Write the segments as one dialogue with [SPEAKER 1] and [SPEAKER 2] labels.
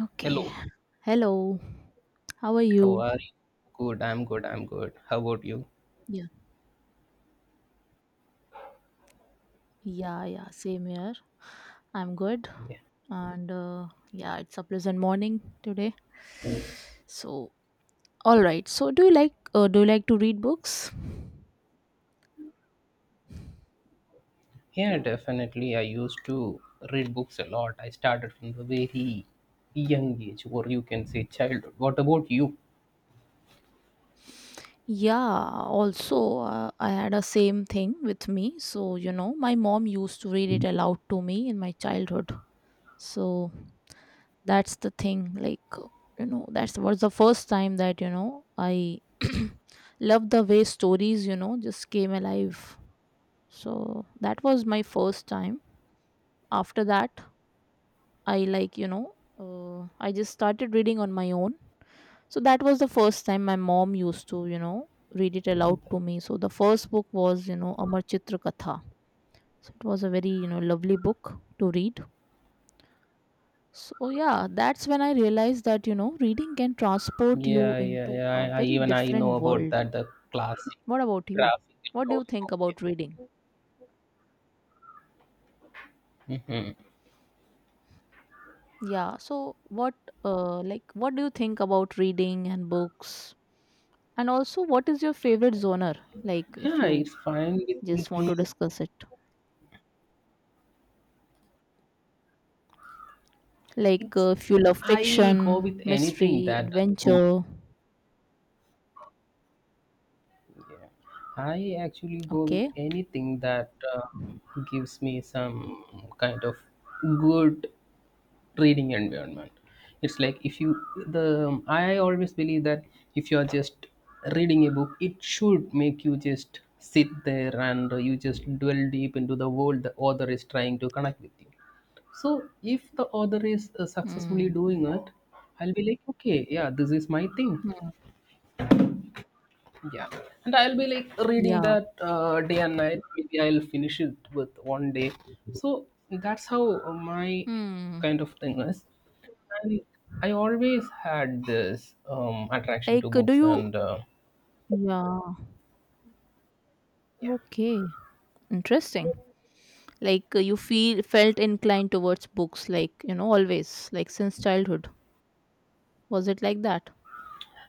[SPEAKER 1] Okay.
[SPEAKER 2] Hello,
[SPEAKER 1] Hello. How are
[SPEAKER 2] how
[SPEAKER 1] you?
[SPEAKER 2] are you? Good, I'm good, I'm good. How about you?
[SPEAKER 1] Yeah. Yeah, yeah, same here. I'm good.
[SPEAKER 2] Yeah,
[SPEAKER 1] And yeah, it's a pleasant morning today. So, all right. So, do you like to read books?
[SPEAKER 2] yeah, Definitely. I used to read books a lot. I started from the very young age, or you can say childhood. What about you?
[SPEAKER 1] Yeah, also I had a same thing with me. So, my mom used to read it aloud to me in my childhood. So, that's the thing, like, that was the first time that I loved the way stories, just came alive. So that was my first time. After that, I like you know I just started reading on my own. So that was the first time my mom used to, read it aloud to me. So the first book was, Amarchitra Katha. So it was a very, lovely book to read. So, yeah, that's when I realized that, reading can transport you
[SPEAKER 2] Yeah, yeah,
[SPEAKER 1] into
[SPEAKER 2] yeah.
[SPEAKER 1] a
[SPEAKER 2] I
[SPEAKER 1] very
[SPEAKER 2] even I know
[SPEAKER 1] different
[SPEAKER 2] about
[SPEAKER 1] world.
[SPEAKER 2] that. The classic
[SPEAKER 1] What about you?
[SPEAKER 2] graphic
[SPEAKER 1] What do
[SPEAKER 2] novel.
[SPEAKER 1] you think
[SPEAKER 2] Okay.
[SPEAKER 1] about reading?
[SPEAKER 2] Mm-hmm.
[SPEAKER 1] Yeah, so what do you think about reading and books? And also, what is your favorite genre? Like, if
[SPEAKER 2] Yeah,
[SPEAKER 1] you
[SPEAKER 2] it's fine with me
[SPEAKER 1] just want
[SPEAKER 2] too.
[SPEAKER 1] to discuss it, like,
[SPEAKER 2] It's
[SPEAKER 1] if you love
[SPEAKER 2] I go
[SPEAKER 1] fiction,
[SPEAKER 2] with anything
[SPEAKER 1] mystery,
[SPEAKER 2] that is good.
[SPEAKER 1] adventure,
[SPEAKER 2] I actually go with
[SPEAKER 1] okay?
[SPEAKER 2] anything that gives me some kind of good reading environment. It's like if you the I always believe that if you are just reading a book, it should make you just sit there and you just dwell deep into the world the author is trying to connect with you. So if the author is successfully
[SPEAKER 1] Hmm.
[SPEAKER 2] doing it, I'll be like, okay, yeah, this is my thing.
[SPEAKER 1] Hmm.
[SPEAKER 2] Yeah, and I'll be like reading
[SPEAKER 1] Yeah.
[SPEAKER 2] that day and night. Maybe I'll finish it with one day. So that's how my
[SPEAKER 1] Hmm.
[SPEAKER 2] kind of thing is. And I always had this attraction to
[SPEAKER 1] Like, do
[SPEAKER 2] books,
[SPEAKER 1] you?
[SPEAKER 2] and
[SPEAKER 1] Yeah.
[SPEAKER 2] yeah,
[SPEAKER 1] Okay. Interesting. Like, you feel felt inclined towards books, like, always, like, since childhood. Was it like that?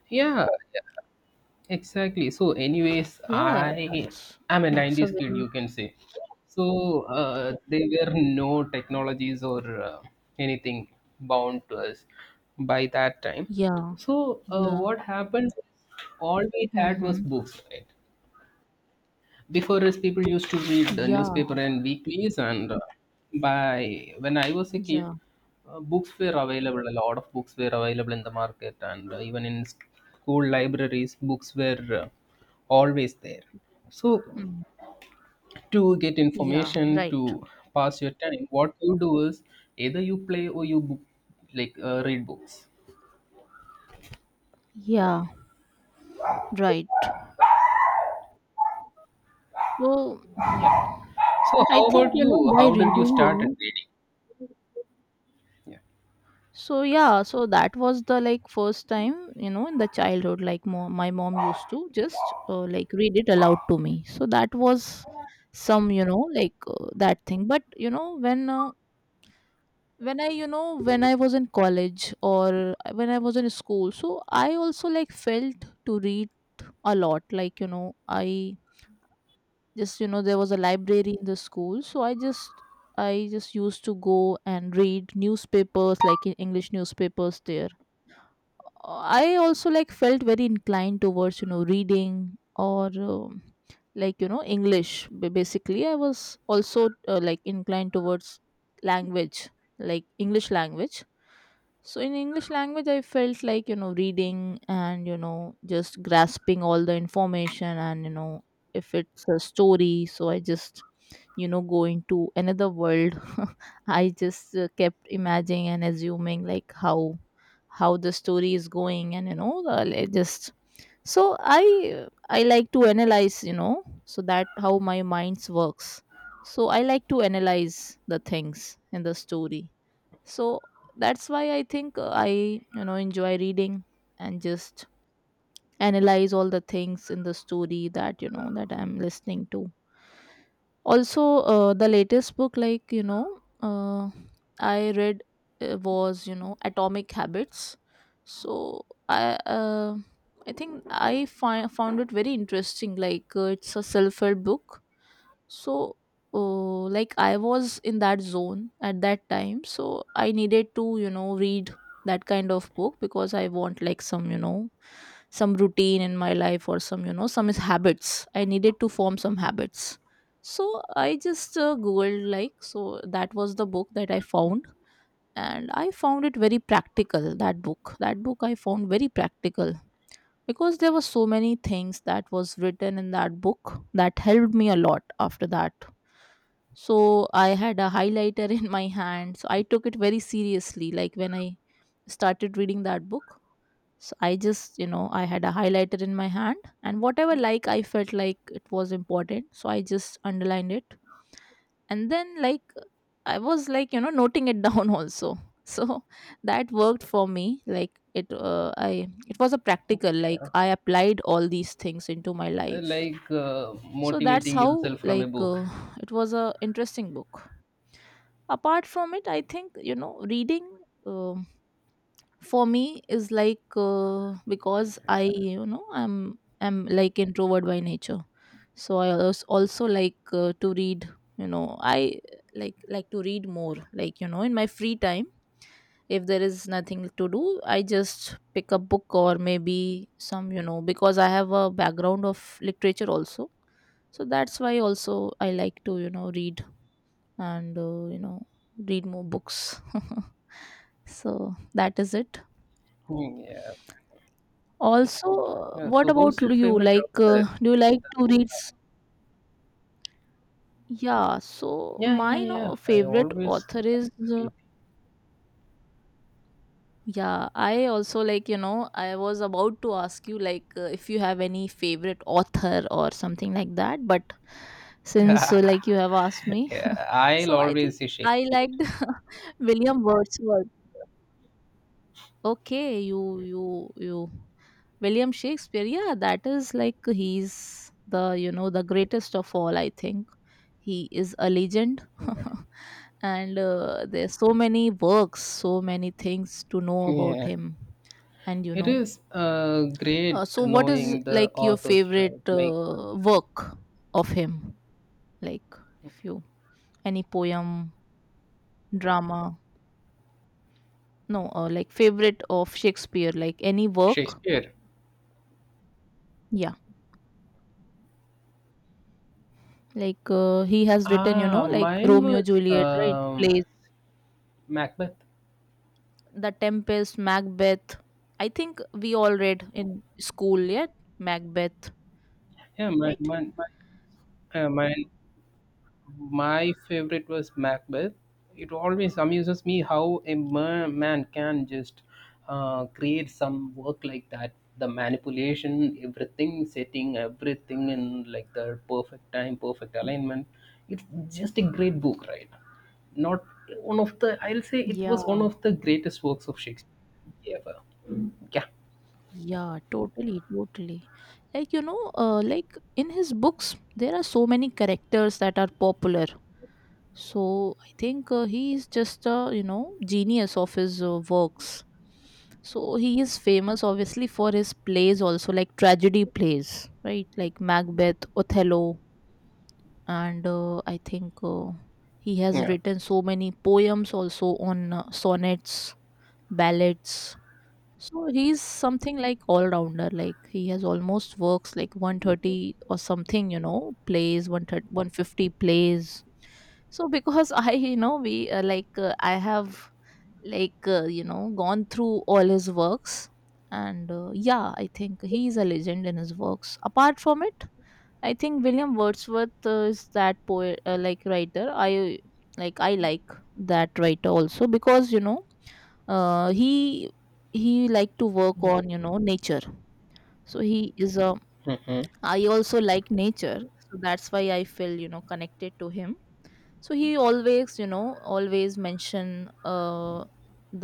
[SPEAKER 2] yeah. Exactly. So, anyways,
[SPEAKER 1] Yeah,
[SPEAKER 2] I
[SPEAKER 1] that's
[SPEAKER 2] am a
[SPEAKER 1] that's a
[SPEAKER 2] 90s kid,
[SPEAKER 1] very.
[SPEAKER 2] you can say. So, there were no technologies or anything bound to us by that time.
[SPEAKER 1] Yeah,
[SPEAKER 2] So,
[SPEAKER 1] yeah,
[SPEAKER 2] what happened? All we had was
[SPEAKER 1] mm-hmm.
[SPEAKER 2] books, right? Before us, people used to read
[SPEAKER 1] Yeah,
[SPEAKER 2] newspaper and weeklies, and by when I was a kid,
[SPEAKER 1] yeah.
[SPEAKER 2] books were available. A lot of books were available in the market, and even in school libraries, books were always there. So,
[SPEAKER 1] Mm.
[SPEAKER 2] to get
[SPEAKER 1] Yeah,
[SPEAKER 2] information
[SPEAKER 1] right.
[SPEAKER 2] to pass your time, what you do is either you play or you book, like read books.
[SPEAKER 1] Yeah, right. So,
[SPEAKER 2] Yeah. So,
[SPEAKER 1] I
[SPEAKER 2] how
[SPEAKER 1] think,
[SPEAKER 2] about you?
[SPEAKER 1] by
[SPEAKER 2] How did you
[SPEAKER 1] reading,
[SPEAKER 2] start reading? Yeah.
[SPEAKER 1] So yeah, so that was the, like, first time, in the childhood, like, my mom used to just like read it aloud to me. So that was some, like, that thing. But, when I, when I was in college or when I was in school, so I also like felt to read a lot. Like, I just there was a library in the school, so I just used to go and read newspapers, like in English newspapers there. I also like felt very inclined towards, reading or like, English. Basically, I was also like inclined towards language, like English language. So in English language, I felt like, reading and, just grasping all the information. And, if it's a story, so I just, go into another world. I just kept imagining and assuming like how the story is going, and, the- like, just so I like to analyze, so that how my minds works. So I like to analyze the things in the story. So that's why I think I, enjoy reading, and just analyze all the things in the story that, that I'm listening to. Also the latest book, like, I read was, Atomic Habits. So I I think I found it very interesting, like, it's a self-help book. So like, I was in that zone at that time, so I needed to, read that kind of book, because I want like some, some routine in my life or some, some is habits. I needed to form some habits. So I just googled, like, so that was the book that I found, and I found it very practical. That book I found very practical, because there were so many things that was written in that book that helped me a lot after that. So I had a highlighter in my hand, so I took it very seriously, like when I started reading that book. So I just, I had a highlighter in my hand, and whatever like I felt like it was important. So I just underlined it. And then like I was like, noting it down also. So that worked for me. Like it I, it was a practical, like
[SPEAKER 2] Okay.
[SPEAKER 1] I applied all these things into my
[SPEAKER 2] Uh,
[SPEAKER 1] life.
[SPEAKER 2] Like uh,
[SPEAKER 1] So that's
[SPEAKER 2] motivating
[SPEAKER 1] how,
[SPEAKER 2] yourself from a
[SPEAKER 1] like,
[SPEAKER 2] book.
[SPEAKER 1] it was a interesting book. Apart from it, I think, reading um for me is like, because I, I'm like introvert by nature, so I also like to read. I like, to read more, like, in my free time. If there is nothing to do, I just pick a book or maybe some, because I have a background of literature also. So that's why also I like to, read, and read more books so that is it.
[SPEAKER 2] Hmm, yeah.
[SPEAKER 1] Also,
[SPEAKER 2] Yeah. So
[SPEAKER 1] what
[SPEAKER 2] who's
[SPEAKER 1] about
[SPEAKER 2] your
[SPEAKER 1] you?
[SPEAKER 2] favorite
[SPEAKER 1] Like,
[SPEAKER 2] author?
[SPEAKER 1] do you like to read? S- Yeah, so
[SPEAKER 2] Yeah, yeah,
[SPEAKER 1] my,
[SPEAKER 2] yeah.
[SPEAKER 1] no,
[SPEAKER 2] I
[SPEAKER 1] favorite
[SPEAKER 2] always
[SPEAKER 1] author
[SPEAKER 2] like
[SPEAKER 1] is, uh,
[SPEAKER 2] read.
[SPEAKER 1] yeah, I also like, I was about to ask you, like, if you have any favorite author or something like that, but since, like, you have asked me,
[SPEAKER 2] Yeah, I'll
[SPEAKER 1] so I
[SPEAKER 2] always
[SPEAKER 1] think
[SPEAKER 2] say
[SPEAKER 1] I
[SPEAKER 2] Shakespeare.
[SPEAKER 1] liked William Wordsworth. Okay, you William Shakespeare. Yeah, that is like he's the, the greatest of all. I think he is a legend,
[SPEAKER 2] Yeah.
[SPEAKER 1] and there's so many works, so many things to know about
[SPEAKER 2] Yeah.
[SPEAKER 1] him. And,
[SPEAKER 2] It is great
[SPEAKER 1] so what is
[SPEAKER 2] knowing the
[SPEAKER 1] like your
[SPEAKER 2] authors,
[SPEAKER 1] favorite
[SPEAKER 2] right? Like
[SPEAKER 1] work of him? Like if you any poem, drama, no, like favorite of Shakespeare, like any work.
[SPEAKER 2] Shakespeare.
[SPEAKER 1] Like he has written,
[SPEAKER 2] Ah,
[SPEAKER 1] like
[SPEAKER 2] mine
[SPEAKER 1] Romeo
[SPEAKER 2] was
[SPEAKER 1] Juliet, right? Plays.
[SPEAKER 2] Macbeth.
[SPEAKER 1] The Tempest, Macbeth. I think we all read in school, yeah, Macbeth,
[SPEAKER 2] Yeah, mine,
[SPEAKER 1] right?
[SPEAKER 2] mine, mine, mine my favorite was Macbeth. It always amuses me how a man can just create some work like that. The manipulation, everything, setting everything in like the perfect time, perfect alignment. It's just a great book, right? Not one of the, I'll say it was one
[SPEAKER 1] Yeah,
[SPEAKER 2] of the greatest works of Shakespeare ever. Yeah.
[SPEAKER 1] yeah, totally, totally. Like, like in his books, there are so many characters that are popular. So I think he is just a, genius of his works. So he is famous obviously for his plays also, like tragedy plays, right? Like Macbeth, Othello, and I think he has
[SPEAKER 2] Yeah.
[SPEAKER 1] written so many poems also on sonnets, ballads. So he's something like all rounder. Like he has almost works like 130 or something, plays, one hundred fifty plays. So because I, we like I have like gone through all his works, and yeah, I think he is a legend in his works. Apart from it, I think William Wordsworth is that poet, like writer. I like that writer also because, uh, he he like to work on, nature. So he is a.
[SPEAKER 2] Hmm.
[SPEAKER 1] I also like nature, so that's why I feel, connected to him. So he always, always mention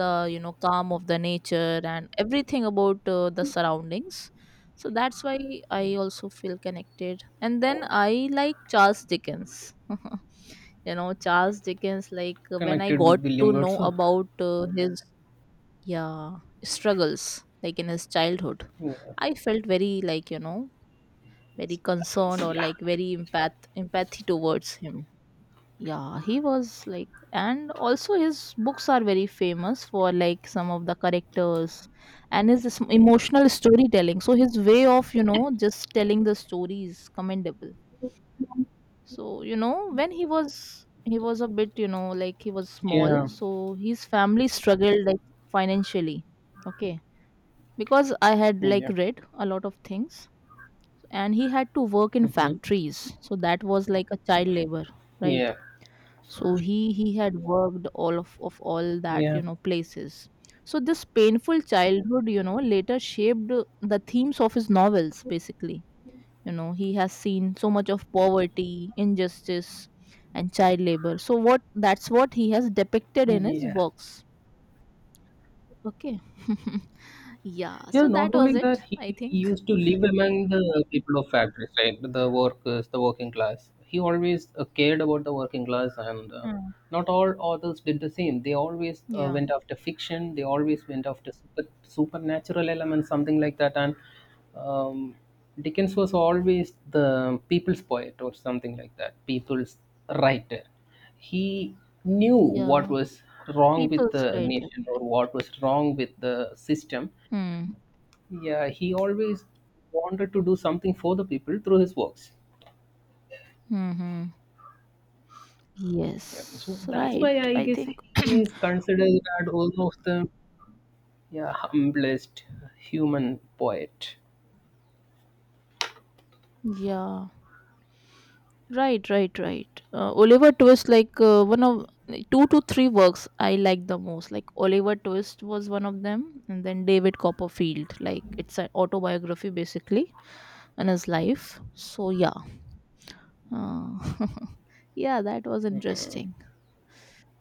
[SPEAKER 1] the, calm of the nature and everything about the surroundings. So that's why I also feel connected. And then I like Charles Dickens Charles Dickens, like when I
[SPEAKER 2] Connected with
[SPEAKER 1] got
[SPEAKER 2] William
[SPEAKER 1] to know
[SPEAKER 2] Wordsworth.
[SPEAKER 1] about his, yeah, struggles, like in his childhood,
[SPEAKER 2] Yeah.
[SPEAKER 1] I felt very, like, very concerned
[SPEAKER 2] It's-
[SPEAKER 1] or
[SPEAKER 2] Yeah.
[SPEAKER 1] like very empathy towards him. Yeah, he was like, and also his books are very famous for like some of the characters, and his emotional storytelling. So his way of, just telling the story is commendable. So, when he was, he was a bit, like he was small,
[SPEAKER 2] Yeah.
[SPEAKER 1] so his family struggled, like, financially. Okay, because I had like
[SPEAKER 2] Yeah.
[SPEAKER 1] read a lot of things, and he had to work in
[SPEAKER 2] Hmm.
[SPEAKER 1] factories, so that was like a child labor, right?
[SPEAKER 2] Yeah.
[SPEAKER 1] So he had worked all of all that,
[SPEAKER 2] Yeah.
[SPEAKER 1] places. So this painful childhood, later shaped the themes of his novels basically. He has seen so much of poverty, injustice, and child labor. So what that's what he has depicted in his
[SPEAKER 2] Yeah.
[SPEAKER 1] works. Okay. Yeah,
[SPEAKER 2] Yeah,
[SPEAKER 1] so
[SPEAKER 2] not
[SPEAKER 1] that was
[SPEAKER 2] only that,
[SPEAKER 1] it,
[SPEAKER 2] he
[SPEAKER 1] I think.
[SPEAKER 2] used to live among the people of factories, right? The workers, the working class. He always cared about the working class, and
[SPEAKER 1] Hmm.
[SPEAKER 2] not all authors did the same. They always
[SPEAKER 1] Yeah.
[SPEAKER 2] went after fiction. They always went after supernatural elements, something like that. And um, Dickens was always the people's poet or something like that, people's writer. He knew what
[SPEAKER 1] Yeah,
[SPEAKER 2] was wrong with
[SPEAKER 1] people's
[SPEAKER 2] the
[SPEAKER 1] writer.
[SPEAKER 2] nation or what was wrong with the system.
[SPEAKER 1] Hmm.
[SPEAKER 2] Yeah, he always wanted to do something for the people through his works.
[SPEAKER 1] Mm-hmm. Yes,
[SPEAKER 2] Yeah, so that's
[SPEAKER 1] right.
[SPEAKER 2] why I
[SPEAKER 1] I
[SPEAKER 2] guess
[SPEAKER 1] think.
[SPEAKER 2] he is considered as almost the yeah humblest human poet.
[SPEAKER 1] Yeah. Right, right, right. Oliver Twist, like one of two to three works I like the most. Like Oliver Twist was one of them, and then David Copperfield. Like it's an autobiography basically, and his life. So yeah, uh, yeah, that was interesting.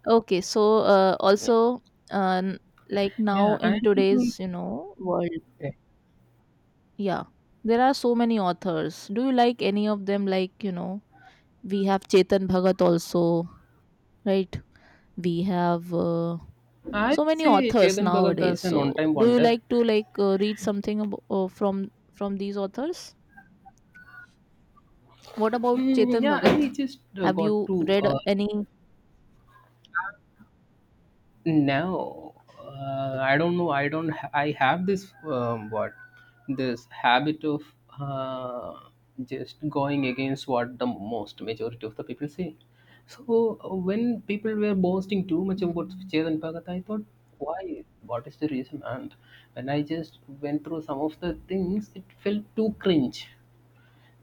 [SPEAKER 1] Okay, so
[SPEAKER 2] Yeah,
[SPEAKER 1] also um, like now
[SPEAKER 2] yeah
[SPEAKER 1] in
[SPEAKER 2] and um,
[SPEAKER 1] today's, world,
[SPEAKER 2] yeah,
[SPEAKER 1] yeah, there are so many authors. Do you like any of them? Like, we have Chetan Bhagat also, right? We have
[SPEAKER 2] I
[SPEAKER 1] so many
[SPEAKER 2] say
[SPEAKER 1] authors
[SPEAKER 2] Chetan Bhagat
[SPEAKER 1] nowadays.
[SPEAKER 2] is an
[SPEAKER 1] So
[SPEAKER 2] on-time
[SPEAKER 1] do you
[SPEAKER 2] wonder.
[SPEAKER 1] like to like read something, from these authors? What about
[SPEAKER 2] Mm,
[SPEAKER 1] Chetan
[SPEAKER 2] yeah, and
[SPEAKER 1] Bhagat?
[SPEAKER 2] he just
[SPEAKER 1] Have
[SPEAKER 2] got
[SPEAKER 1] you
[SPEAKER 2] to
[SPEAKER 1] read any?
[SPEAKER 2] no, I don't know. I don't. I have this what this habit of uh, just going against what the most majority of the people say. So when people were boasting too much about
[SPEAKER 1] Mm,
[SPEAKER 2] Chetan Bhagat, I thought, why? What is the reason? And when I just went through some of the things, it felt too cringe.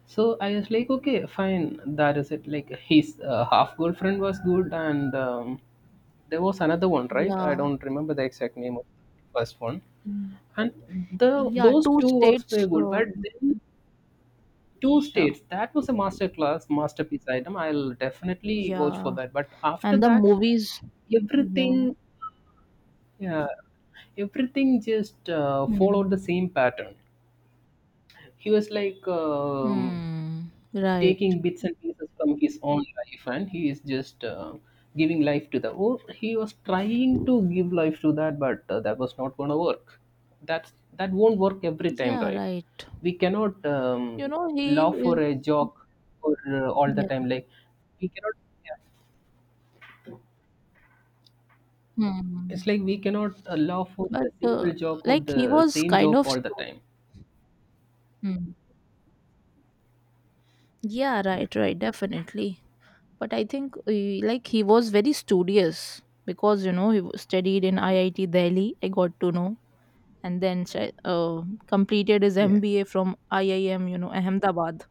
[SPEAKER 2] So I was like, okay, fine, that is it. Like his half girlfriend was good, and there was another one, right? I
[SPEAKER 1] yeah.
[SPEAKER 2] don't remember the exact name of the first one.
[SPEAKER 1] Mm.
[SPEAKER 2] And the
[SPEAKER 1] Yeah,
[SPEAKER 2] Those
[SPEAKER 1] Two
[SPEAKER 2] two works were
[SPEAKER 1] States,
[SPEAKER 2] good, but then two
[SPEAKER 1] yeah,
[SPEAKER 2] states. That was a masterclass, masterpiece item. I'll definitely watch for
[SPEAKER 1] yeah,
[SPEAKER 2] that. But after
[SPEAKER 1] and the
[SPEAKER 2] that,
[SPEAKER 1] movies, yeah,
[SPEAKER 2] everything, yeah, everything just
[SPEAKER 1] hmm.
[SPEAKER 2] followed the same pattern. He was like
[SPEAKER 1] Hmm. Right,
[SPEAKER 2] taking bits and pieces from his own life, and he is just giving life to the. Oh, he was trying to give life to that, but that was not going to work. That won't work every time,
[SPEAKER 1] yeah,
[SPEAKER 2] right?
[SPEAKER 1] right.
[SPEAKER 2] We cannot
[SPEAKER 1] He
[SPEAKER 2] laugh
[SPEAKER 1] is,
[SPEAKER 2] for a joke for all the
[SPEAKER 1] yeah,
[SPEAKER 2] time. Like we cannot. Yeah. It's
[SPEAKER 1] hmm.
[SPEAKER 2] like we cannot laugh for
[SPEAKER 1] but
[SPEAKER 2] the
[SPEAKER 1] uh,
[SPEAKER 2] single joke or
[SPEAKER 1] like he
[SPEAKER 2] the
[SPEAKER 1] was
[SPEAKER 2] same
[SPEAKER 1] kind
[SPEAKER 2] joke
[SPEAKER 1] of.
[SPEAKER 2] all the time.
[SPEAKER 1] Mm. Yeah,
[SPEAKER 2] Yeah,
[SPEAKER 1] right, right, definitely. But I think like he was very studious because you know he studied in IIT Delhi. I got to know, and then completed his
[SPEAKER 2] yeah.
[SPEAKER 1] MBA from IIM, Ahmedabad.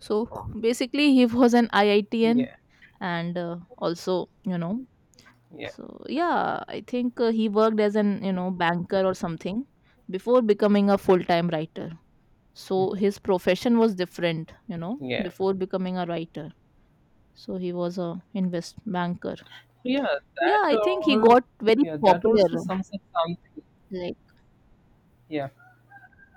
[SPEAKER 1] So basically, he was an IITN,
[SPEAKER 2] Yeah,
[SPEAKER 1] and also
[SPEAKER 2] yeah,
[SPEAKER 1] so yeah, I think he worked as an banker or something before becoming a full time writer. So his profession was different
[SPEAKER 2] yeah.
[SPEAKER 1] before becoming a writer. So he was a invest banker.
[SPEAKER 2] Yeah,
[SPEAKER 1] Yeah, I
[SPEAKER 2] that
[SPEAKER 1] think he
[SPEAKER 2] all.
[SPEAKER 1] got very
[SPEAKER 2] Yeah, that also
[SPEAKER 1] popular,
[SPEAKER 2] sums up something.
[SPEAKER 1] like.
[SPEAKER 2] Yeah,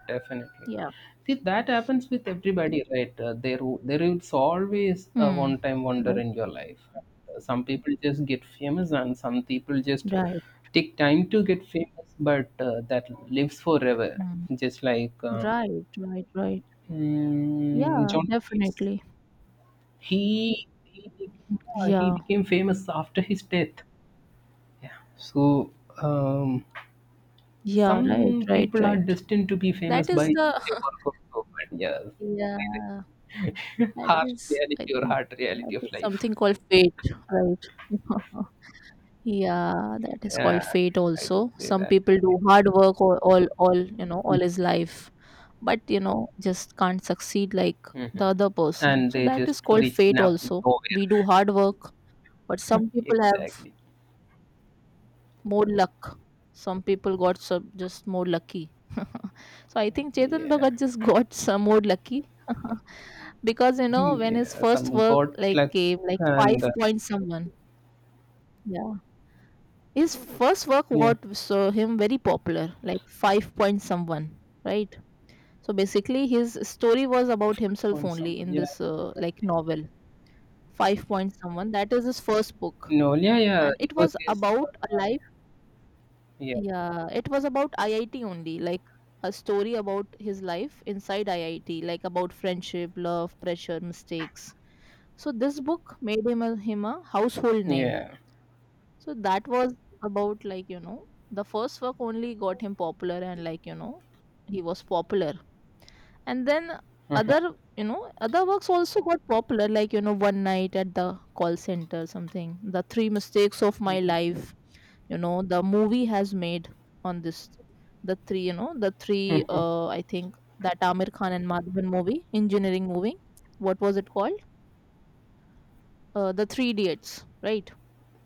[SPEAKER 2] definitely.
[SPEAKER 1] Yeah.
[SPEAKER 2] See, that happens with everybody, right? There, there is always a
[SPEAKER 1] Hmm,
[SPEAKER 2] one-time wonder
[SPEAKER 1] right,
[SPEAKER 2] in your life. Some people just get famous, and some people just
[SPEAKER 1] right.
[SPEAKER 2] take time to get famous, but that lives forever.
[SPEAKER 1] Hmm.
[SPEAKER 2] Just like
[SPEAKER 1] Right, right, right. Yeah,
[SPEAKER 2] John Keats,
[SPEAKER 1] definitely.
[SPEAKER 2] he became, yeah, he
[SPEAKER 1] Yeah,
[SPEAKER 2] became famous after his death. Yeah. So. Um,
[SPEAKER 1] yeah, right,
[SPEAKER 2] Some
[SPEAKER 1] right,
[SPEAKER 2] people are
[SPEAKER 1] right.
[SPEAKER 2] destined to be famous
[SPEAKER 1] That is
[SPEAKER 2] by
[SPEAKER 1] the
[SPEAKER 2] just a work of art. Yes.
[SPEAKER 1] yeah, that
[SPEAKER 2] Harsh
[SPEAKER 1] is, I
[SPEAKER 2] reality or
[SPEAKER 1] think
[SPEAKER 2] hard reality
[SPEAKER 1] that
[SPEAKER 2] of
[SPEAKER 1] is
[SPEAKER 2] life.
[SPEAKER 1] something called fate, right. Yeah, that is
[SPEAKER 2] Yeah,
[SPEAKER 1] called fate
[SPEAKER 2] I could
[SPEAKER 1] also.
[SPEAKER 2] say
[SPEAKER 1] Some
[SPEAKER 2] that.
[SPEAKER 1] people do hard work all all his life, but you know, just can't succeed like the
[SPEAKER 2] Mhm.
[SPEAKER 1] other person.
[SPEAKER 2] And
[SPEAKER 1] So
[SPEAKER 2] they
[SPEAKER 1] that
[SPEAKER 2] just
[SPEAKER 1] is called
[SPEAKER 2] reach
[SPEAKER 1] fate
[SPEAKER 2] nap
[SPEAKER 1] also.
[SPEAKER 2] nowhere.
[SPEAKER 1] We do hard work, but some people have
[SPEAKER 2] Exactly.
[SPEAKER 1] more luck. Some people got some just more lucky. So I think Chetan
[SPEAKER 2] Yeah.
[SPEAKER 1] Bhagat just got some more lucky because you know when his
[SPEAKER 2] Yeah.
[SPEAKER 1] first
[SPEAKER 2] Some
[SPEAKER 1] work
[SPEAKER 2] got
[SPEAKER 1] like
[SPEAKER 2] luck
[SPEAKER 1] came, like Five
[SPEAKER 2] and
[SPEAKER 1] Point Someone. Yeah. His first work
[SPEAKER 2] yeah,
[SPEAKER 1] what saw him very popular, like Five Point Someone, right? So basically, his story was about himself
[SPEAKER 2] on
[SPEAKER 1] only
[SPEAKER 2] someone.
[SPEAKER 1] in
[SPEAKER 2] Yeah.
[SPEAKER 1] this like novel, Five Point Someone. That is his first book,
[SPEAKER 2] No. Yeah. Yeah.
[SPEAKER 1] and
[SPEAKER 2] It
[SPEAKER 1] it
[SPEAKER 2] was
[SPEAKER 1] was
[SPEAKER 2] his.
[SPEAKER 1] about a life.
[SPEAKER 2] Yeah.
[SPEAKER 1] Yeah, it was about IIT only, like a story about his life inside IIT, like about friendship, love, pressure, mistakes. So this book made him a household name.
[SPEAKER 2] Yeah.
[SPEAKER 1] So that was about, like, you know, the first work only got him popular and, like, you know, he was popular. And then
[SPEAKER 2] Mhm.
[SPEAKER 1] other, you know, other works also got popular, like, you know, One Night at the Call Center, something, The Three Mistakes of My Life, you know, the movie has made on this, the three, you know, the three, I think that Amir Khan and Madhavan movie, engineering movie. What was it called? The Three Idiots, right?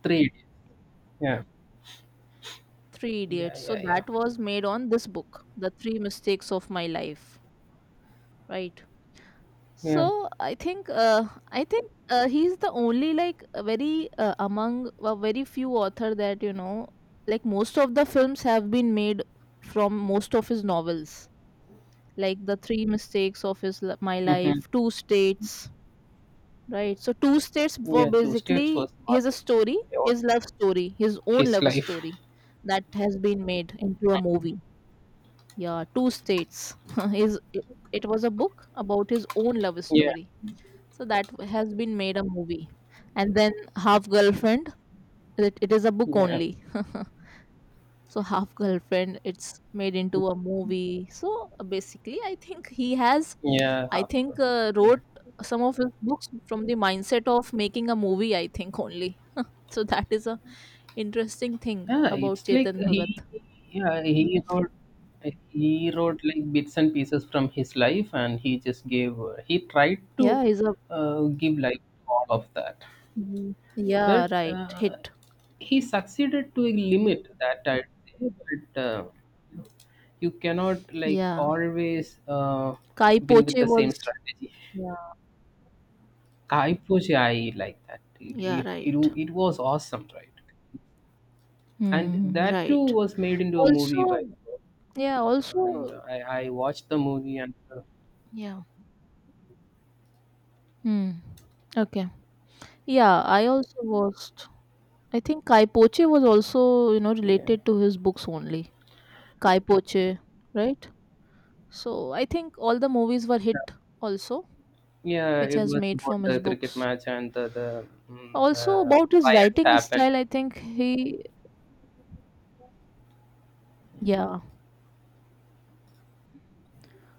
[SPEAKER 2] Three idiots. Yeah.
[SPEAKER 1] Three
[SPEAKER 2] Yeah.
[SPEAKER 1] Idiots. So
[SPEAKER 2] Yeah. Yeah.
[SPEAKER 1] that was made on this book, The Three Mistakes of My Life, right?
[SPEAKER 2] Yeah.
[SPEAKER 1] So I think he's the only like a very among a very few author that you know, like most of the films have been made from most of his novels, like the Three Mistakes of My
[SPEAKER 2] Mhm.
[SPEAKER 1] Life, Two States, right? So Two States were
[SPEAKER 2] Yeah, Two States
[SPEAKER 1] basically
[SPEAKER 2] was a
[SPEAKER 1] his
[SPEAKER 2] masterpiece
[SPEAKER 1] story,
[SPEAKER 2] in all
[SPEAKER 1] his own
[SPEAKER 2] his
[SPEAKER 1] love
[SPEAKER 2] life.
[SPEAKER 1] story that has been made into a movie. Yeah, Two States his it it was a book about his own love
[SPEAKER 2] Yeah,
[SPEAKER 1] story, so that has been made a movie. And then Half Girlfriend, it is a book
[SPEAKER 2] yeah,
[SPEAKER 1] only. So Half Girlfriend it's made into a movie. So basically I think he has
[SPEAKER 2] yeah,
[SPEAKER 1] I
[SPEAKER 2] of course.
[SPEAKER 1] think
[SPEAKER 2] Yeah,
[SPEAKER 1] wrote some of his books from the mindset of making a movie, I think only. So that is a interesting thing
[SPEAKER 2] yeah
[SPEAKER 1] about
[SPEAKER 2] it's like
[SPEAKER 1] Chetan
[SPEAKER 2] he,
[SPEAKER 1] Bhagat.
[SPEAKER 2] yeah, he wrote like bits and pieces from his life, and he just gave, he tried to
[SPEAKER 1] Yeah, he's a.
[SPEAKER 2] give life to all of that,
[SPEAKER 1] Mhm. Yeah,
[SPEAKER 2] but
[SPEAKER 1] right, hit.
[SPEAKER 2] he succeeded to a limit that I'd say, but. You cannot like
[SPEAKER 1] Yeah,
[SPEAKER 2] always
[SPEAKER 1] Kai
[SPEAKER 2] win with
[SPEAKER 1] Poche
[SPEAKER 2] the same
[SPEAKER 1] was.
[SPEAKER 2] strategy.
[SPEAKER 1] Yeah,
[SPEAKER 2] Kaipushi, I like that.
[SPEAKER 1] yeah, right.
[SPEAKER 2] It was awesome, right? And
[SPEAKER 1] Hmm.
[SPEAKER 2] that too
[SPEAKER 1] Right.
[SPEAKER 2] was made into a movie
[SPEAKER 1] Also,
[SPEAKER 2] by,
[SPEAKER 1] yeah,
[SPEAKER 2] and
[SPEAKER 1] also,
[SPEAKER 2] I watched the movie and
[SPEAKER 1] yeah. Hmm. Okay. Yeah, I also watched. I think Kai Poche was also, you know,
[SPEAKER 2] yeah,
[SPEAKER 1] related to his books only. Kai Poche, right? So I think all the movies were hit also,
[SPEAKER 2] yeah,
[SPEAKER 1] which
[SPEAKER 2] it
[SPEAKER 1] has
[SPEAKER 2] was
[SPEAKER 1] made
[SPEAKER 2] about
[SPEAKER 1] from his
[SPEAKER 2] the cricket
[SPEAKER 1] books.
[SPEAKER 2] match and
[SPEAKER 1] Also
[SPEAKER 2] the
[SPEAKER 1] about his
[SPEAKER 2] riots
[SPEAKER 1] writing
[SPEAKER 2] happened.
[SPEAKER 1] style, I think he, yeah.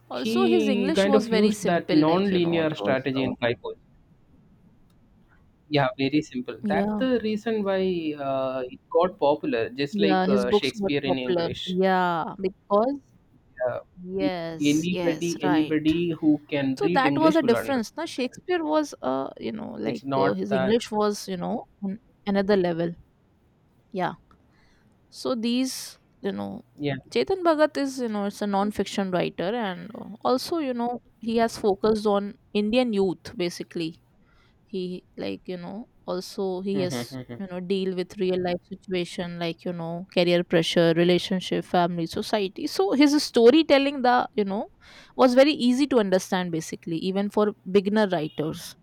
[SPEAKER 1] Also his
[SPEAKER 2] He
[SPEAKER 1] English
[SPEAKER 2] kind
[SPEAKER 1] was
[SPEAKER 2] of
[SPEAKER 1] very
[SPEAKER 2] used that
[SPEAKER 1] simple, like you know, it
[SPEAKER 2] non-linear
[SPEAKER 1] was,
[SPEAKER 2] strategy in Kaipushi. Yeah, very simple. That's
[SPEAKER 1] yeah.
[SPEAKER 2] the reason why it got popular, just like
[SPEAKER 1] Yeah, his books got
[SPEAKER 2] Shakespeare in
[SPEAKER 1] popular.
[SPEAKER 2] English.
[SPEAKER 1] Yeah, because
[SPEAKER 2] Yeah, if
[SPEAKER 1] yes, yes, right.
[SPEAKER 2] anybody who can
[SPEAKER 1] So
[SPEAKER 2] read
[SPEAKER 1] that was
[SPEAKER 2] English
[SPEAKER 1] a
[SPEAKER 2] will
[SPEAKER 1] difference. Now
[SPEAKER 2] understand.
[SPEAKER 1] Shakespeare was, you know,
[SPEAKER 2] It's not
[SPEAKER 1] his
[SPEAKER 2] that
[SPEAKER 1] English was, you know, on another level. Yeah. So these, you know,
[SPEAKER 2] yeah.
[SPEAKER 1] Chetan Bhagat is, you know, it's a non-fiction writer, and also, you know, he has focused on Indian youth basically. He, like you know, also he
[SPEAKER 2] Mm-hmm,
[SPEAKER 1] has,
[SPEAKER 2] mm-hmm.
[SPEAKER 1] you know, deal with real life situation, like you know, career pressure, relationship, family, society. So his storytelling, the you know, was very easy to understand basically, even for beginner writers.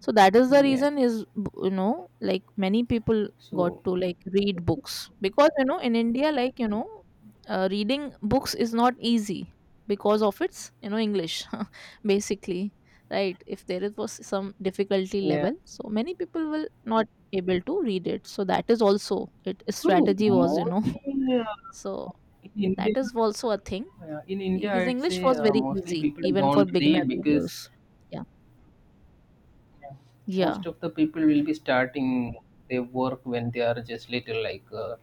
[SPEAKER 1] So that is the
[SPEAKER 2] Yeah.
[SPEAKER 1] reason is, you know, like many people got
[SPEAKER 2] So
[SPEAKER 1] to like read books because you know in India, like you know, reading books is not easy because of its you know English basically, right? If there is was some difficulty
[SPEAKER 2] yeah.
[SPEAKER 1] level, so many people will not able to read it. So that is also it
[SPEAKER 2] Hmm,
[SPEAKER 1] strategy was, you know.
[SPEAKER 2] mostly
[SPEAKER 1] So
[SPEAKER 2] in India,
[SPEAKER 1] that is also a thing.
[SPEAKER 2] yeah, in India,
[SPEAKER 1] His
[SPEAKER 2] I'd
[SPEAKER 1] English
[SPEAKER 2] say
[SPEAKER 1] was very
[SPEAKER 2] mostly
[SPEAKER 1] easy
[SPEAKER 2] people
[SPEAKER 1] even for
[SPEAKER 2] don't
[SPEAKER 1] beginner
[SPEAKER 2] read because
[SPEAKER 1] readers. Yeah.
[SPEAKER 2] yeah.
[SPEAKER 1] Yeah.
[SPEAKER 2] Most of the people will be starting their work when they are just little. Like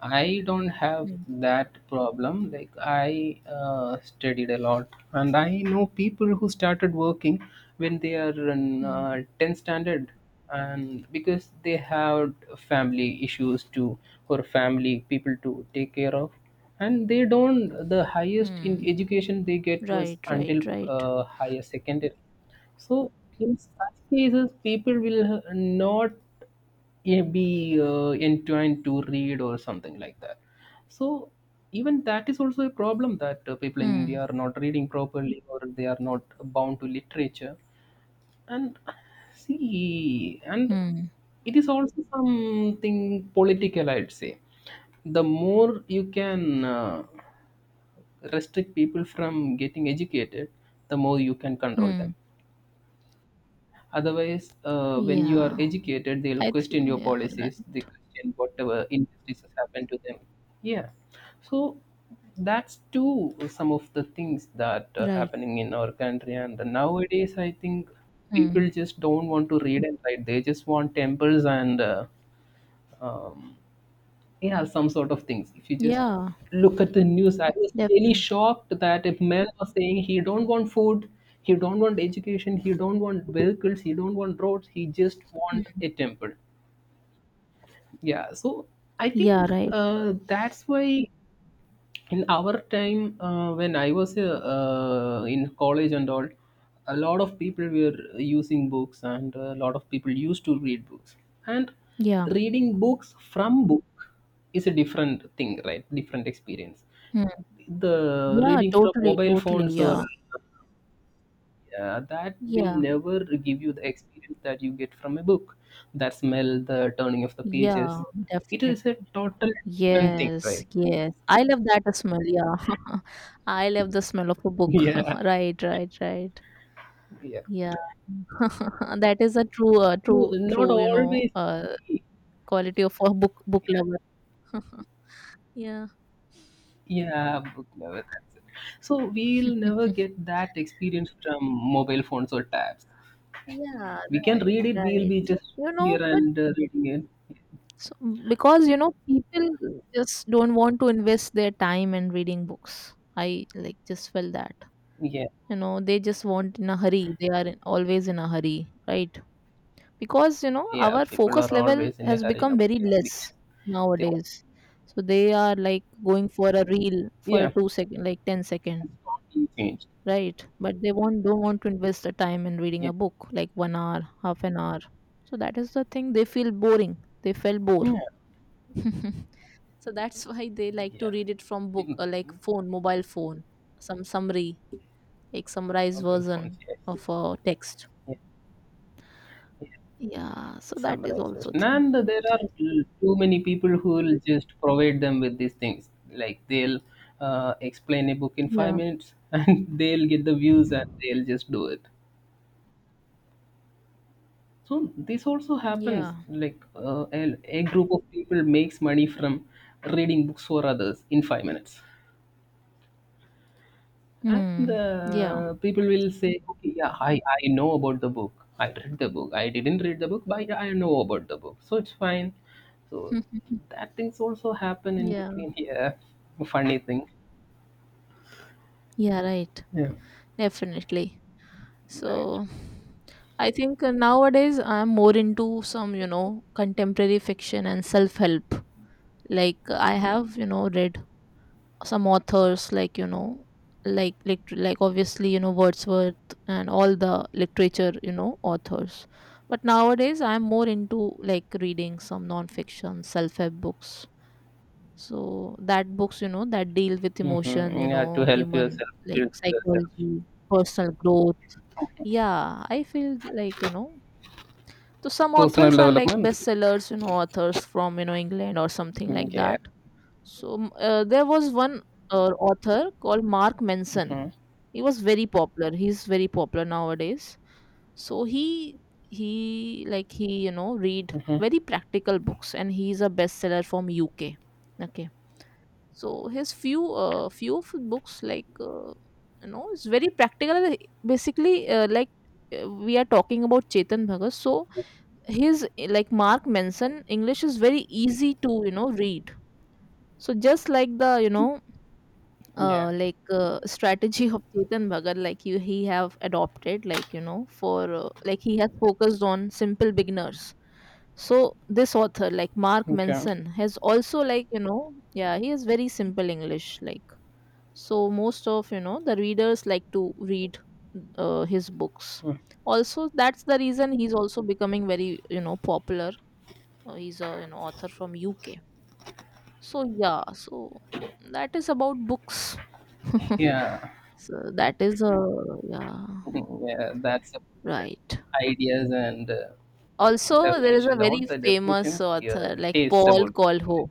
[SPEAKER 2] I don't have
[SPEAKER 1] Hmm.
[SPEAKER 2] that problem. Like I studied a lot, and I know people who started working when they are in
[SPEAKER 1] Hmm.
[SPEAKER 2] 10 standard, and because they had family issues to or family people to take care of. And they don't. The highest in
[SPEAKER 1] Hmm.
[SPEAKER 2] education they get was
[SPEAKER 1] Right, right,
[SPEAKER 2] until
[SPEAKER 1] right.
[SPEAKER 2] higher secondary so in such cases, people will not be entwined to read or something like that. So even that is also a problem that people in India
[SPEAKER 1] Hmm,
[SPEAKER 2] are not reading properly or they are not bound to literature. And and
[SPEAKER 1] hmm,
[SPEAKER 2] it is also something political, I'd say. The more you can restrict people from getting educated, the more you can control them.
[SPEAKER 1] hmm.
[SPEAKER 2] Otherwise, when you are
[SPEAKER 1] Yeah,
[SPEAKER 2] educated, they'll
[SPEAKER 1] I th-
[SPEAKER 2] question your
[SPEAKER 1] yeah,
[SPEAKER 2] policies, they
[SPEAKER 1] right,
[SPEAKER 2] question whatever injustices happen to them. Yeah. So that's too some of the things that are
[SPEAKER 1] right.
[SPEAKER 2] happening in our country. And nowadays, I think people
[SPEAKER 1] Hmm.
[SPEAKER 2] just don't want to read and write. They just want temples and um, yeah, some sort of things. If you just
[SPEAKER 1] Yeah,
[SPEAKER 2] look at the news, I was really
[SPEAKER 1] definitely.
[SPEAKER 2] shocked that if men are saying he don't want food, he don't want education, he don't want vehicles, he don't want roads, he just want a temple. Yeah, so I
[SPEAKER 1] Yeah,
[SPEAKER 2] think
[SPEAKER 1] right.
[SPEAKER 2] that's why in our time when I was in college and all a lot of people were using books and a lot of people used to read books and
[SPEAKER 1] Yeah,
[SPEAKER 2] reading books from book is a different thing right different experience
[SPEAKER 1] hmm.
[SPEAKER 2] the
[SPEAKER 1] Yeah,
[SPEAKER 2] reading from
[SPEAKER 1] totally,
[SPEAKER 2] mobile
[SPEAKER 1] totally.
[SPEAKER 2] phones or
[SPEAKER 1] Yeah,
[SPEAKER 2] yeah, that will
[SPEAKER 1] yeah,
[SPEAKER 2] never give you the experience that you get from a book, that smell, the turning of the pages,
[SPEAKER 1] yeah,
[SPEAKER 2] it is a
[SPEAKER 1] definitely.
[SPEAKER 2] total different thing
[SPEAKER 1] Yes,
[SPEAKER 2] right.
[SPEAKER 1] yes. I love that smell. Yeah, I love the smell of a book.
[SPEAKER 2] Yeah.
[SPEAKER 1] Right, right, right.
[SPEAKER 2] Yeah.
[SPEAKER 1] Yeah, that is a true,
[SPEAKER 2] No, not
[SPEAKER 1] true. You know,
[SPEAKER 2] always.
[SPEAKER 1] quality of a book lover. Yeah.
[SPEAKER 2] Yeah, book lover, that's it. So we'll never get that experience from mobile phones or tabs.
[SPEAKER 1] Yeah,
[SPEAKER 2] We can
[SPEAKER 1] right,
[SPEAKER 2] read it. We'll be
[SPEAKER 1] right.
[SPEAKER 2] just
[SPEAKER 1] You know,
[SPEAKER 2] here
[SPEAKER 1] but
[SPEAKER 2] and reading it.
[SPEAKER 1] s- because you know, people just don't want to invest their time in reading books. I like just felt that.
[SPEAKER 2] Yeah,
[SPEAKER 1] You know, they just want in a hurry. They are in, always in a hurry, right? Because you know,
[SPEAKER 2] yeah.
[SPEAKER 1] our
[SPEAKER 2] People
[SPEAKER 1] focus
[SPEAKER 2] are
[SPEAKER 1] level
[SPEAKER 2] always in a
[SPEAKER 1] has
[SPEAKER 2] hurry
[SPEAKER 1] become very
[SPEAKER 2] nowadays
[SPEAKER 1] less
[SPEAKER 2] because they want.
[SPEAKER 1] nowadays. So they are like going for a reel for a
[SPEAKER 2] Yeah,
[SPEAKER 1] 2 second, like ten
[SPEAKER 2] it's
[SPEAKER 1] second.
[SPEAKER 2] constantly changed.
[SPEAKER 1] Right, but they won't don't want to invest the time in reading
[SPEAKER 2] Yeah,
[SPEAKER 1] a book, like 1 hour, 1/2 an hour. So that is the thing, they feel boring, they felt bored.
[SPEAKER 2] yeah,
[SPEAKER 1] So that's why they like to
[SPEAKER 2] yeah.
[SPEAKER 1] read it from book or like phone, mobile phone, some summary, like summarized
[SPEAKER 2] Mobile phones.
[SPEAKER 1] version
[SPEAKER 2] Yes.
[SPEAKER 1] of a text.
[SPEAKER 2] Yeah.
[SPEAKER 1] Yeah, so that is
[SPEAKER 2] Summarize first.
[SPEAKER 1] also thing.
[SPEAKER 2] And there are too many people who will just provide them with these things. Like they'll explain a book in five
[SPEAKER 1] Yeah.
[SPEAKER 2] minutes, and they'll get the views, and they'll just do it. So this also happens.
[SPEAKER 1] Yeah.
[SPEAKER 2] Like a group of people makes money from reading books for others in 5 minutes. And
[SPEAKER 1] Hmm. Yeah.
[SPEAKER 2] people will say, okay, yeah, I know about the book. I read the book. I didn't read the book, but yeah, I know about the book. So it's fine. So that things also happen in
[SPEAKER 1] Yeah.
[SPEAKER 2] between here. Funny thing.
[SPEAKER 1] Yeah, right,
[SPEAKER 2] Yeah.
[SPEAKER 1] definitely. So
[SPEAKER 2] Right.
[SPEAKER 1] I think nowadays I'm more into some, you know, contemporary fiction and self help. Like I have, you know, read some authors like, you know, like obviously, you know, Wordsworth and all the literature, you know, authors. But nowadays I'm more into like reading some non fiction, self help books. So that books, you know, that deal with emotion, you
[SPEAKER 2] Mm-hmm. Yeah, to
[SPEAKER 1] know,
[SPEAKER 2] help
[SPEAKER 1] human
[SPEAKER 2] yourself,
[SPEAKER 1] like
[SPEAKER 2] build yourself.
[SPEAKER 1] psychology, personal growth. Yeah, I feel like, you know, so some
[SPEAKER 2] Personal
[SPEAKER 1] authors are like
[SPEAKER 2] development.
[SPEAKER 1] bestsellers, you know, authors from, you know, England or something like
[SPEAKER 2] Yeah.
[SPEAKER 1] that. So there was one author called Mark Manson. He was very popular. He's very popular nowadays. So he, you know, read very practical books and he's a bestseller from UK. Okay. So his few few of books like you know it's very practical. Basically, we are talking about Chetan Bhagat. So his, Mark Manson English is very easy to you know read. So just like the you know,
[SPEAKER 2] Yeah.
[SPEAKER 1] strategy of Chetan Bhagat, like you he have adopted, like you know, for he has focused on simple beginners. So this author like Mark
[SPEAKER 2] Okay.
[SPEAKER 1] Manson has also, like you know, yeah, he has very simple English, like. So most of you know the readers like to read his books. Also that's the reason he's also becoming very you know popular. He's a you know author from UK. So yeah, so that is about books.
[SPEAKER 2] Yeah.
[SPEAKER 1] So that is a. Yeah,
[SPEAKER 2] Yeah, that's a,
[SPEAKER 1] right.
[SPEAKER 2] ideas and
[SPEAKER 1] Also there is
[SPEAKER 2] definition.
[SPEAKER 1] a very
[SPEAKER 2] Not the
[SPEAKER 1] famous
[SPEAKER 2] definitions,
[SPEAKER 1] author
[SPEAKER 2] your
[SPEAKER 1] like
[SPEAKER 2] tastes
[SPEAKER 1] Paul
[SPEAKER 2] about.
[SPEAKER 1] Colho.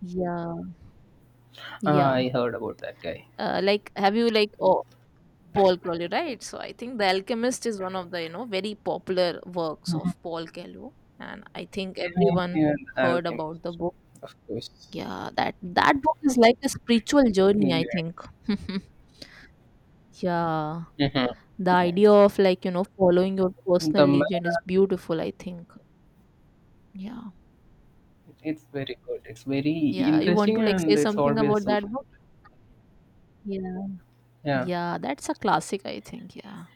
[SPEAKER 1] Yeah.
[SPEAKER 2] Ah,
[SPEAKER 1] Yeah,
[SPEAKER 2] I heard about that guy.
[SPEAKER 1] have you like, oh, Paul Coelho, right? So I think The Alchemist is one of the, you know, very popular works of Paul Coelho. And I think
[SPEAKER 2] Yeah,
[SPEAKER 1] everyone
[SPEAKER 2] yeah, the
[SPEAKER 1] heard
[SPEAKER 2] Alchemist,
[SPEAKER 1] about the book.
[SPEAKER 2] of course.
[SPEAKER 1] Yeah, that that book is like a spiritual journey, I
[SPEAKER 2] Yeah.
[SPEAKER 1] think. Yeah.
[SPEAKER 2] Mhm.
[SPEAKER 1] The
[SPEAKER 2] Yeah.
[SPEAKER 1] idea of like, you know, following your personal
[SPEAKER 2] The man,
[SPEAKER 1] legend is beautiful, I think. Yeah.
[SPEAKER 2] it's very good. It's very
[SPEAKER 1] Yeah. You want
[SPEAKER 2] interesting
[SPEAKER 1] to like
[SPEAKER 2] and
[SPEAKER 1] say
[SPEAKER 2] it's
[SPEAKER 1] something
[SPEAKER 2] always
[SPEAKER 1] about that
[SPEAKER 2] soothing.
[SPEAKER 1] book? Yeah.
[SPEAKER 2] Yeah.
[SPEAKER 1] Yeah, that's a classic, I think. Yeah.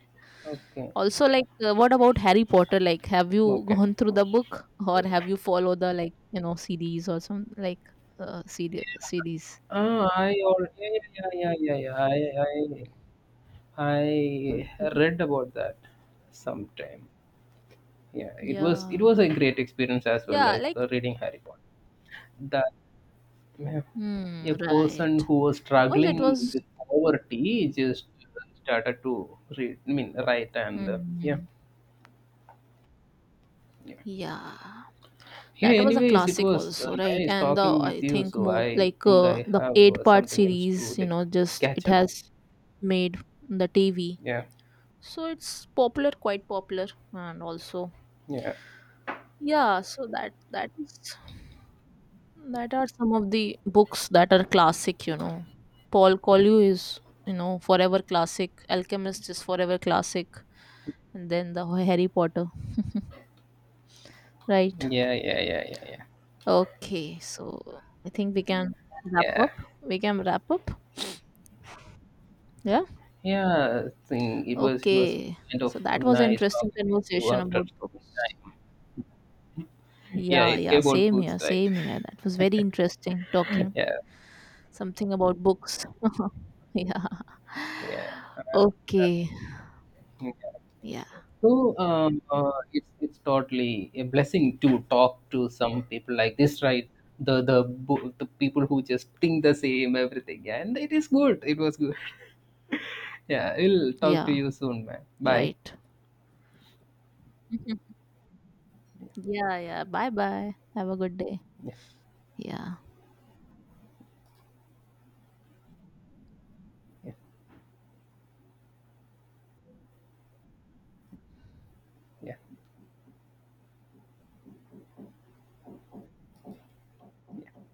[SPEAKER 2] Okay.
[SPEAKER 1] Also, like, what about Harry Potter? Like, have you
[SPEAKER 2] Okay.
[SPEAKER 1] gone through the book or have you follow the like you know series or some like CD- series?
[SPEAKER 2] Ah, yeah, yeah, yeah, yeah, yeah, yeah. I read about that sometime. Yeah, it
[SPEAKER 1] Yeah,
[SPEAKER 2] was a great experience as well,
[SPEAKER 1] yeah,
[SPEAKER 2] like
[SPEAKER 1] like,
[SPEAKER 2] reading Harry Potter. That Ma'am, a
[SPEAKER 1] hmm,
[SPEAKER 2] person
[SPEAKER 1] right,
[SPEAKER 2] who was
[SPEAKER 1] because it
[SPEAKER 2] struggling
[SPEAKER 1] was,
[SPEAKER 2] with poverty just started to read, I mean, write and yeah,
[SPEAKER 1] hmm,
[SPEAKER 2] yeah.
[SPEAKER 1] yeah,
[SPEAKER 2] Yeah,
[SPEAKER 1] that was a
[SPEAKER 2] anyways, it
[SPEAKER 1] classic
[SPEAKER 2] was
[SPEAKER 1] also, right?
[SPEAKER 2] nice
[SPEAKER 1] And the
[SPEAKER 2] talking with
[SPEAKER 1] I
[SPEAKER 2] you.
[SPEAKER 1] think
[SPEAKER 2] So
[SPEAKER 1] more
[SPEAKER 2] I
[SPEAKER 1] like
[SPEAKER 2] think I
[SPEAKER 1] the
[SPEAKER 2] have
[SPEAKER 1] eight part
[SPEAKER 2] something else to
[SPEAKER 1] series, you
[SPEAKER 2] like
[SPEAKER 1] know, just
[SPEAKER 2] catch
[SPEAKER 1] it
[SPEAKER 2] up.
[SPEAKER 1] has made the TV,
[SPEAKER 2] Yeah,
[SPEAKER 1] so it's popular, quite popular. And also
[SPEAKER 2] yeah,
[SPEAKER 1] yeah, so that is, that are some of the books that are classic, you know. Paul Collier is, you know, forever classic. Alchemist is forever classic. And then the Harry Potter, right.
[SPEAKER 2] yeah, yeah, yeah, yeah, yeah,
[SPEAKER 1] Okay, so I think wrap
[SPEAKER 2] yeah.
[SPEAKER 1] up we can wrap up. Yeah,
[SPEAKER 2] Yeah, I think it was
[SPEAKER 1] okay.
[SPEAKER 2] kind of
[SPEAKER 1] So that was an
[SPEAKER 2] nice
[SPEAKER 1] interesting
[SPEAKER 2] talking with you
[SPEAKER 1] conversation
[SPEAKER 2] after.
[SPEAKER 1] about books.
[SPEAKER 2] Yeah,
[SPEAKER 1] Yeah,
[SPEAKER 2] it,
[SPEAKER 1] yeah,
[SPEAKER 2] about books, right?
[SPEAKER 1] same here, that was very interesting talking.
[SPEAKER 2] yeah,
[SPEAKER 1] Something about books. Yeah.
[SPEAKER 2] yeah.
[SPEAKER 1] Okay. Yeah.
[SPEAKER 2] So it's totally a blessing to talk to some people like this, right? The the people who just think the same everything, and it is good. It was good. Yeah, we'll talk to
[SPEAKER 1] Yeah.
[SPEAKER 2] you soon, man. Bye.
[SPEAKER 1] Right. Mhm. Yeah. Yeah. Bye bye. Have a good day.
[SPEAKER 2] Yeah,
[SPEAKER 1] Yeah.
[SPEAKER 2] yeah, yeah. Yeah.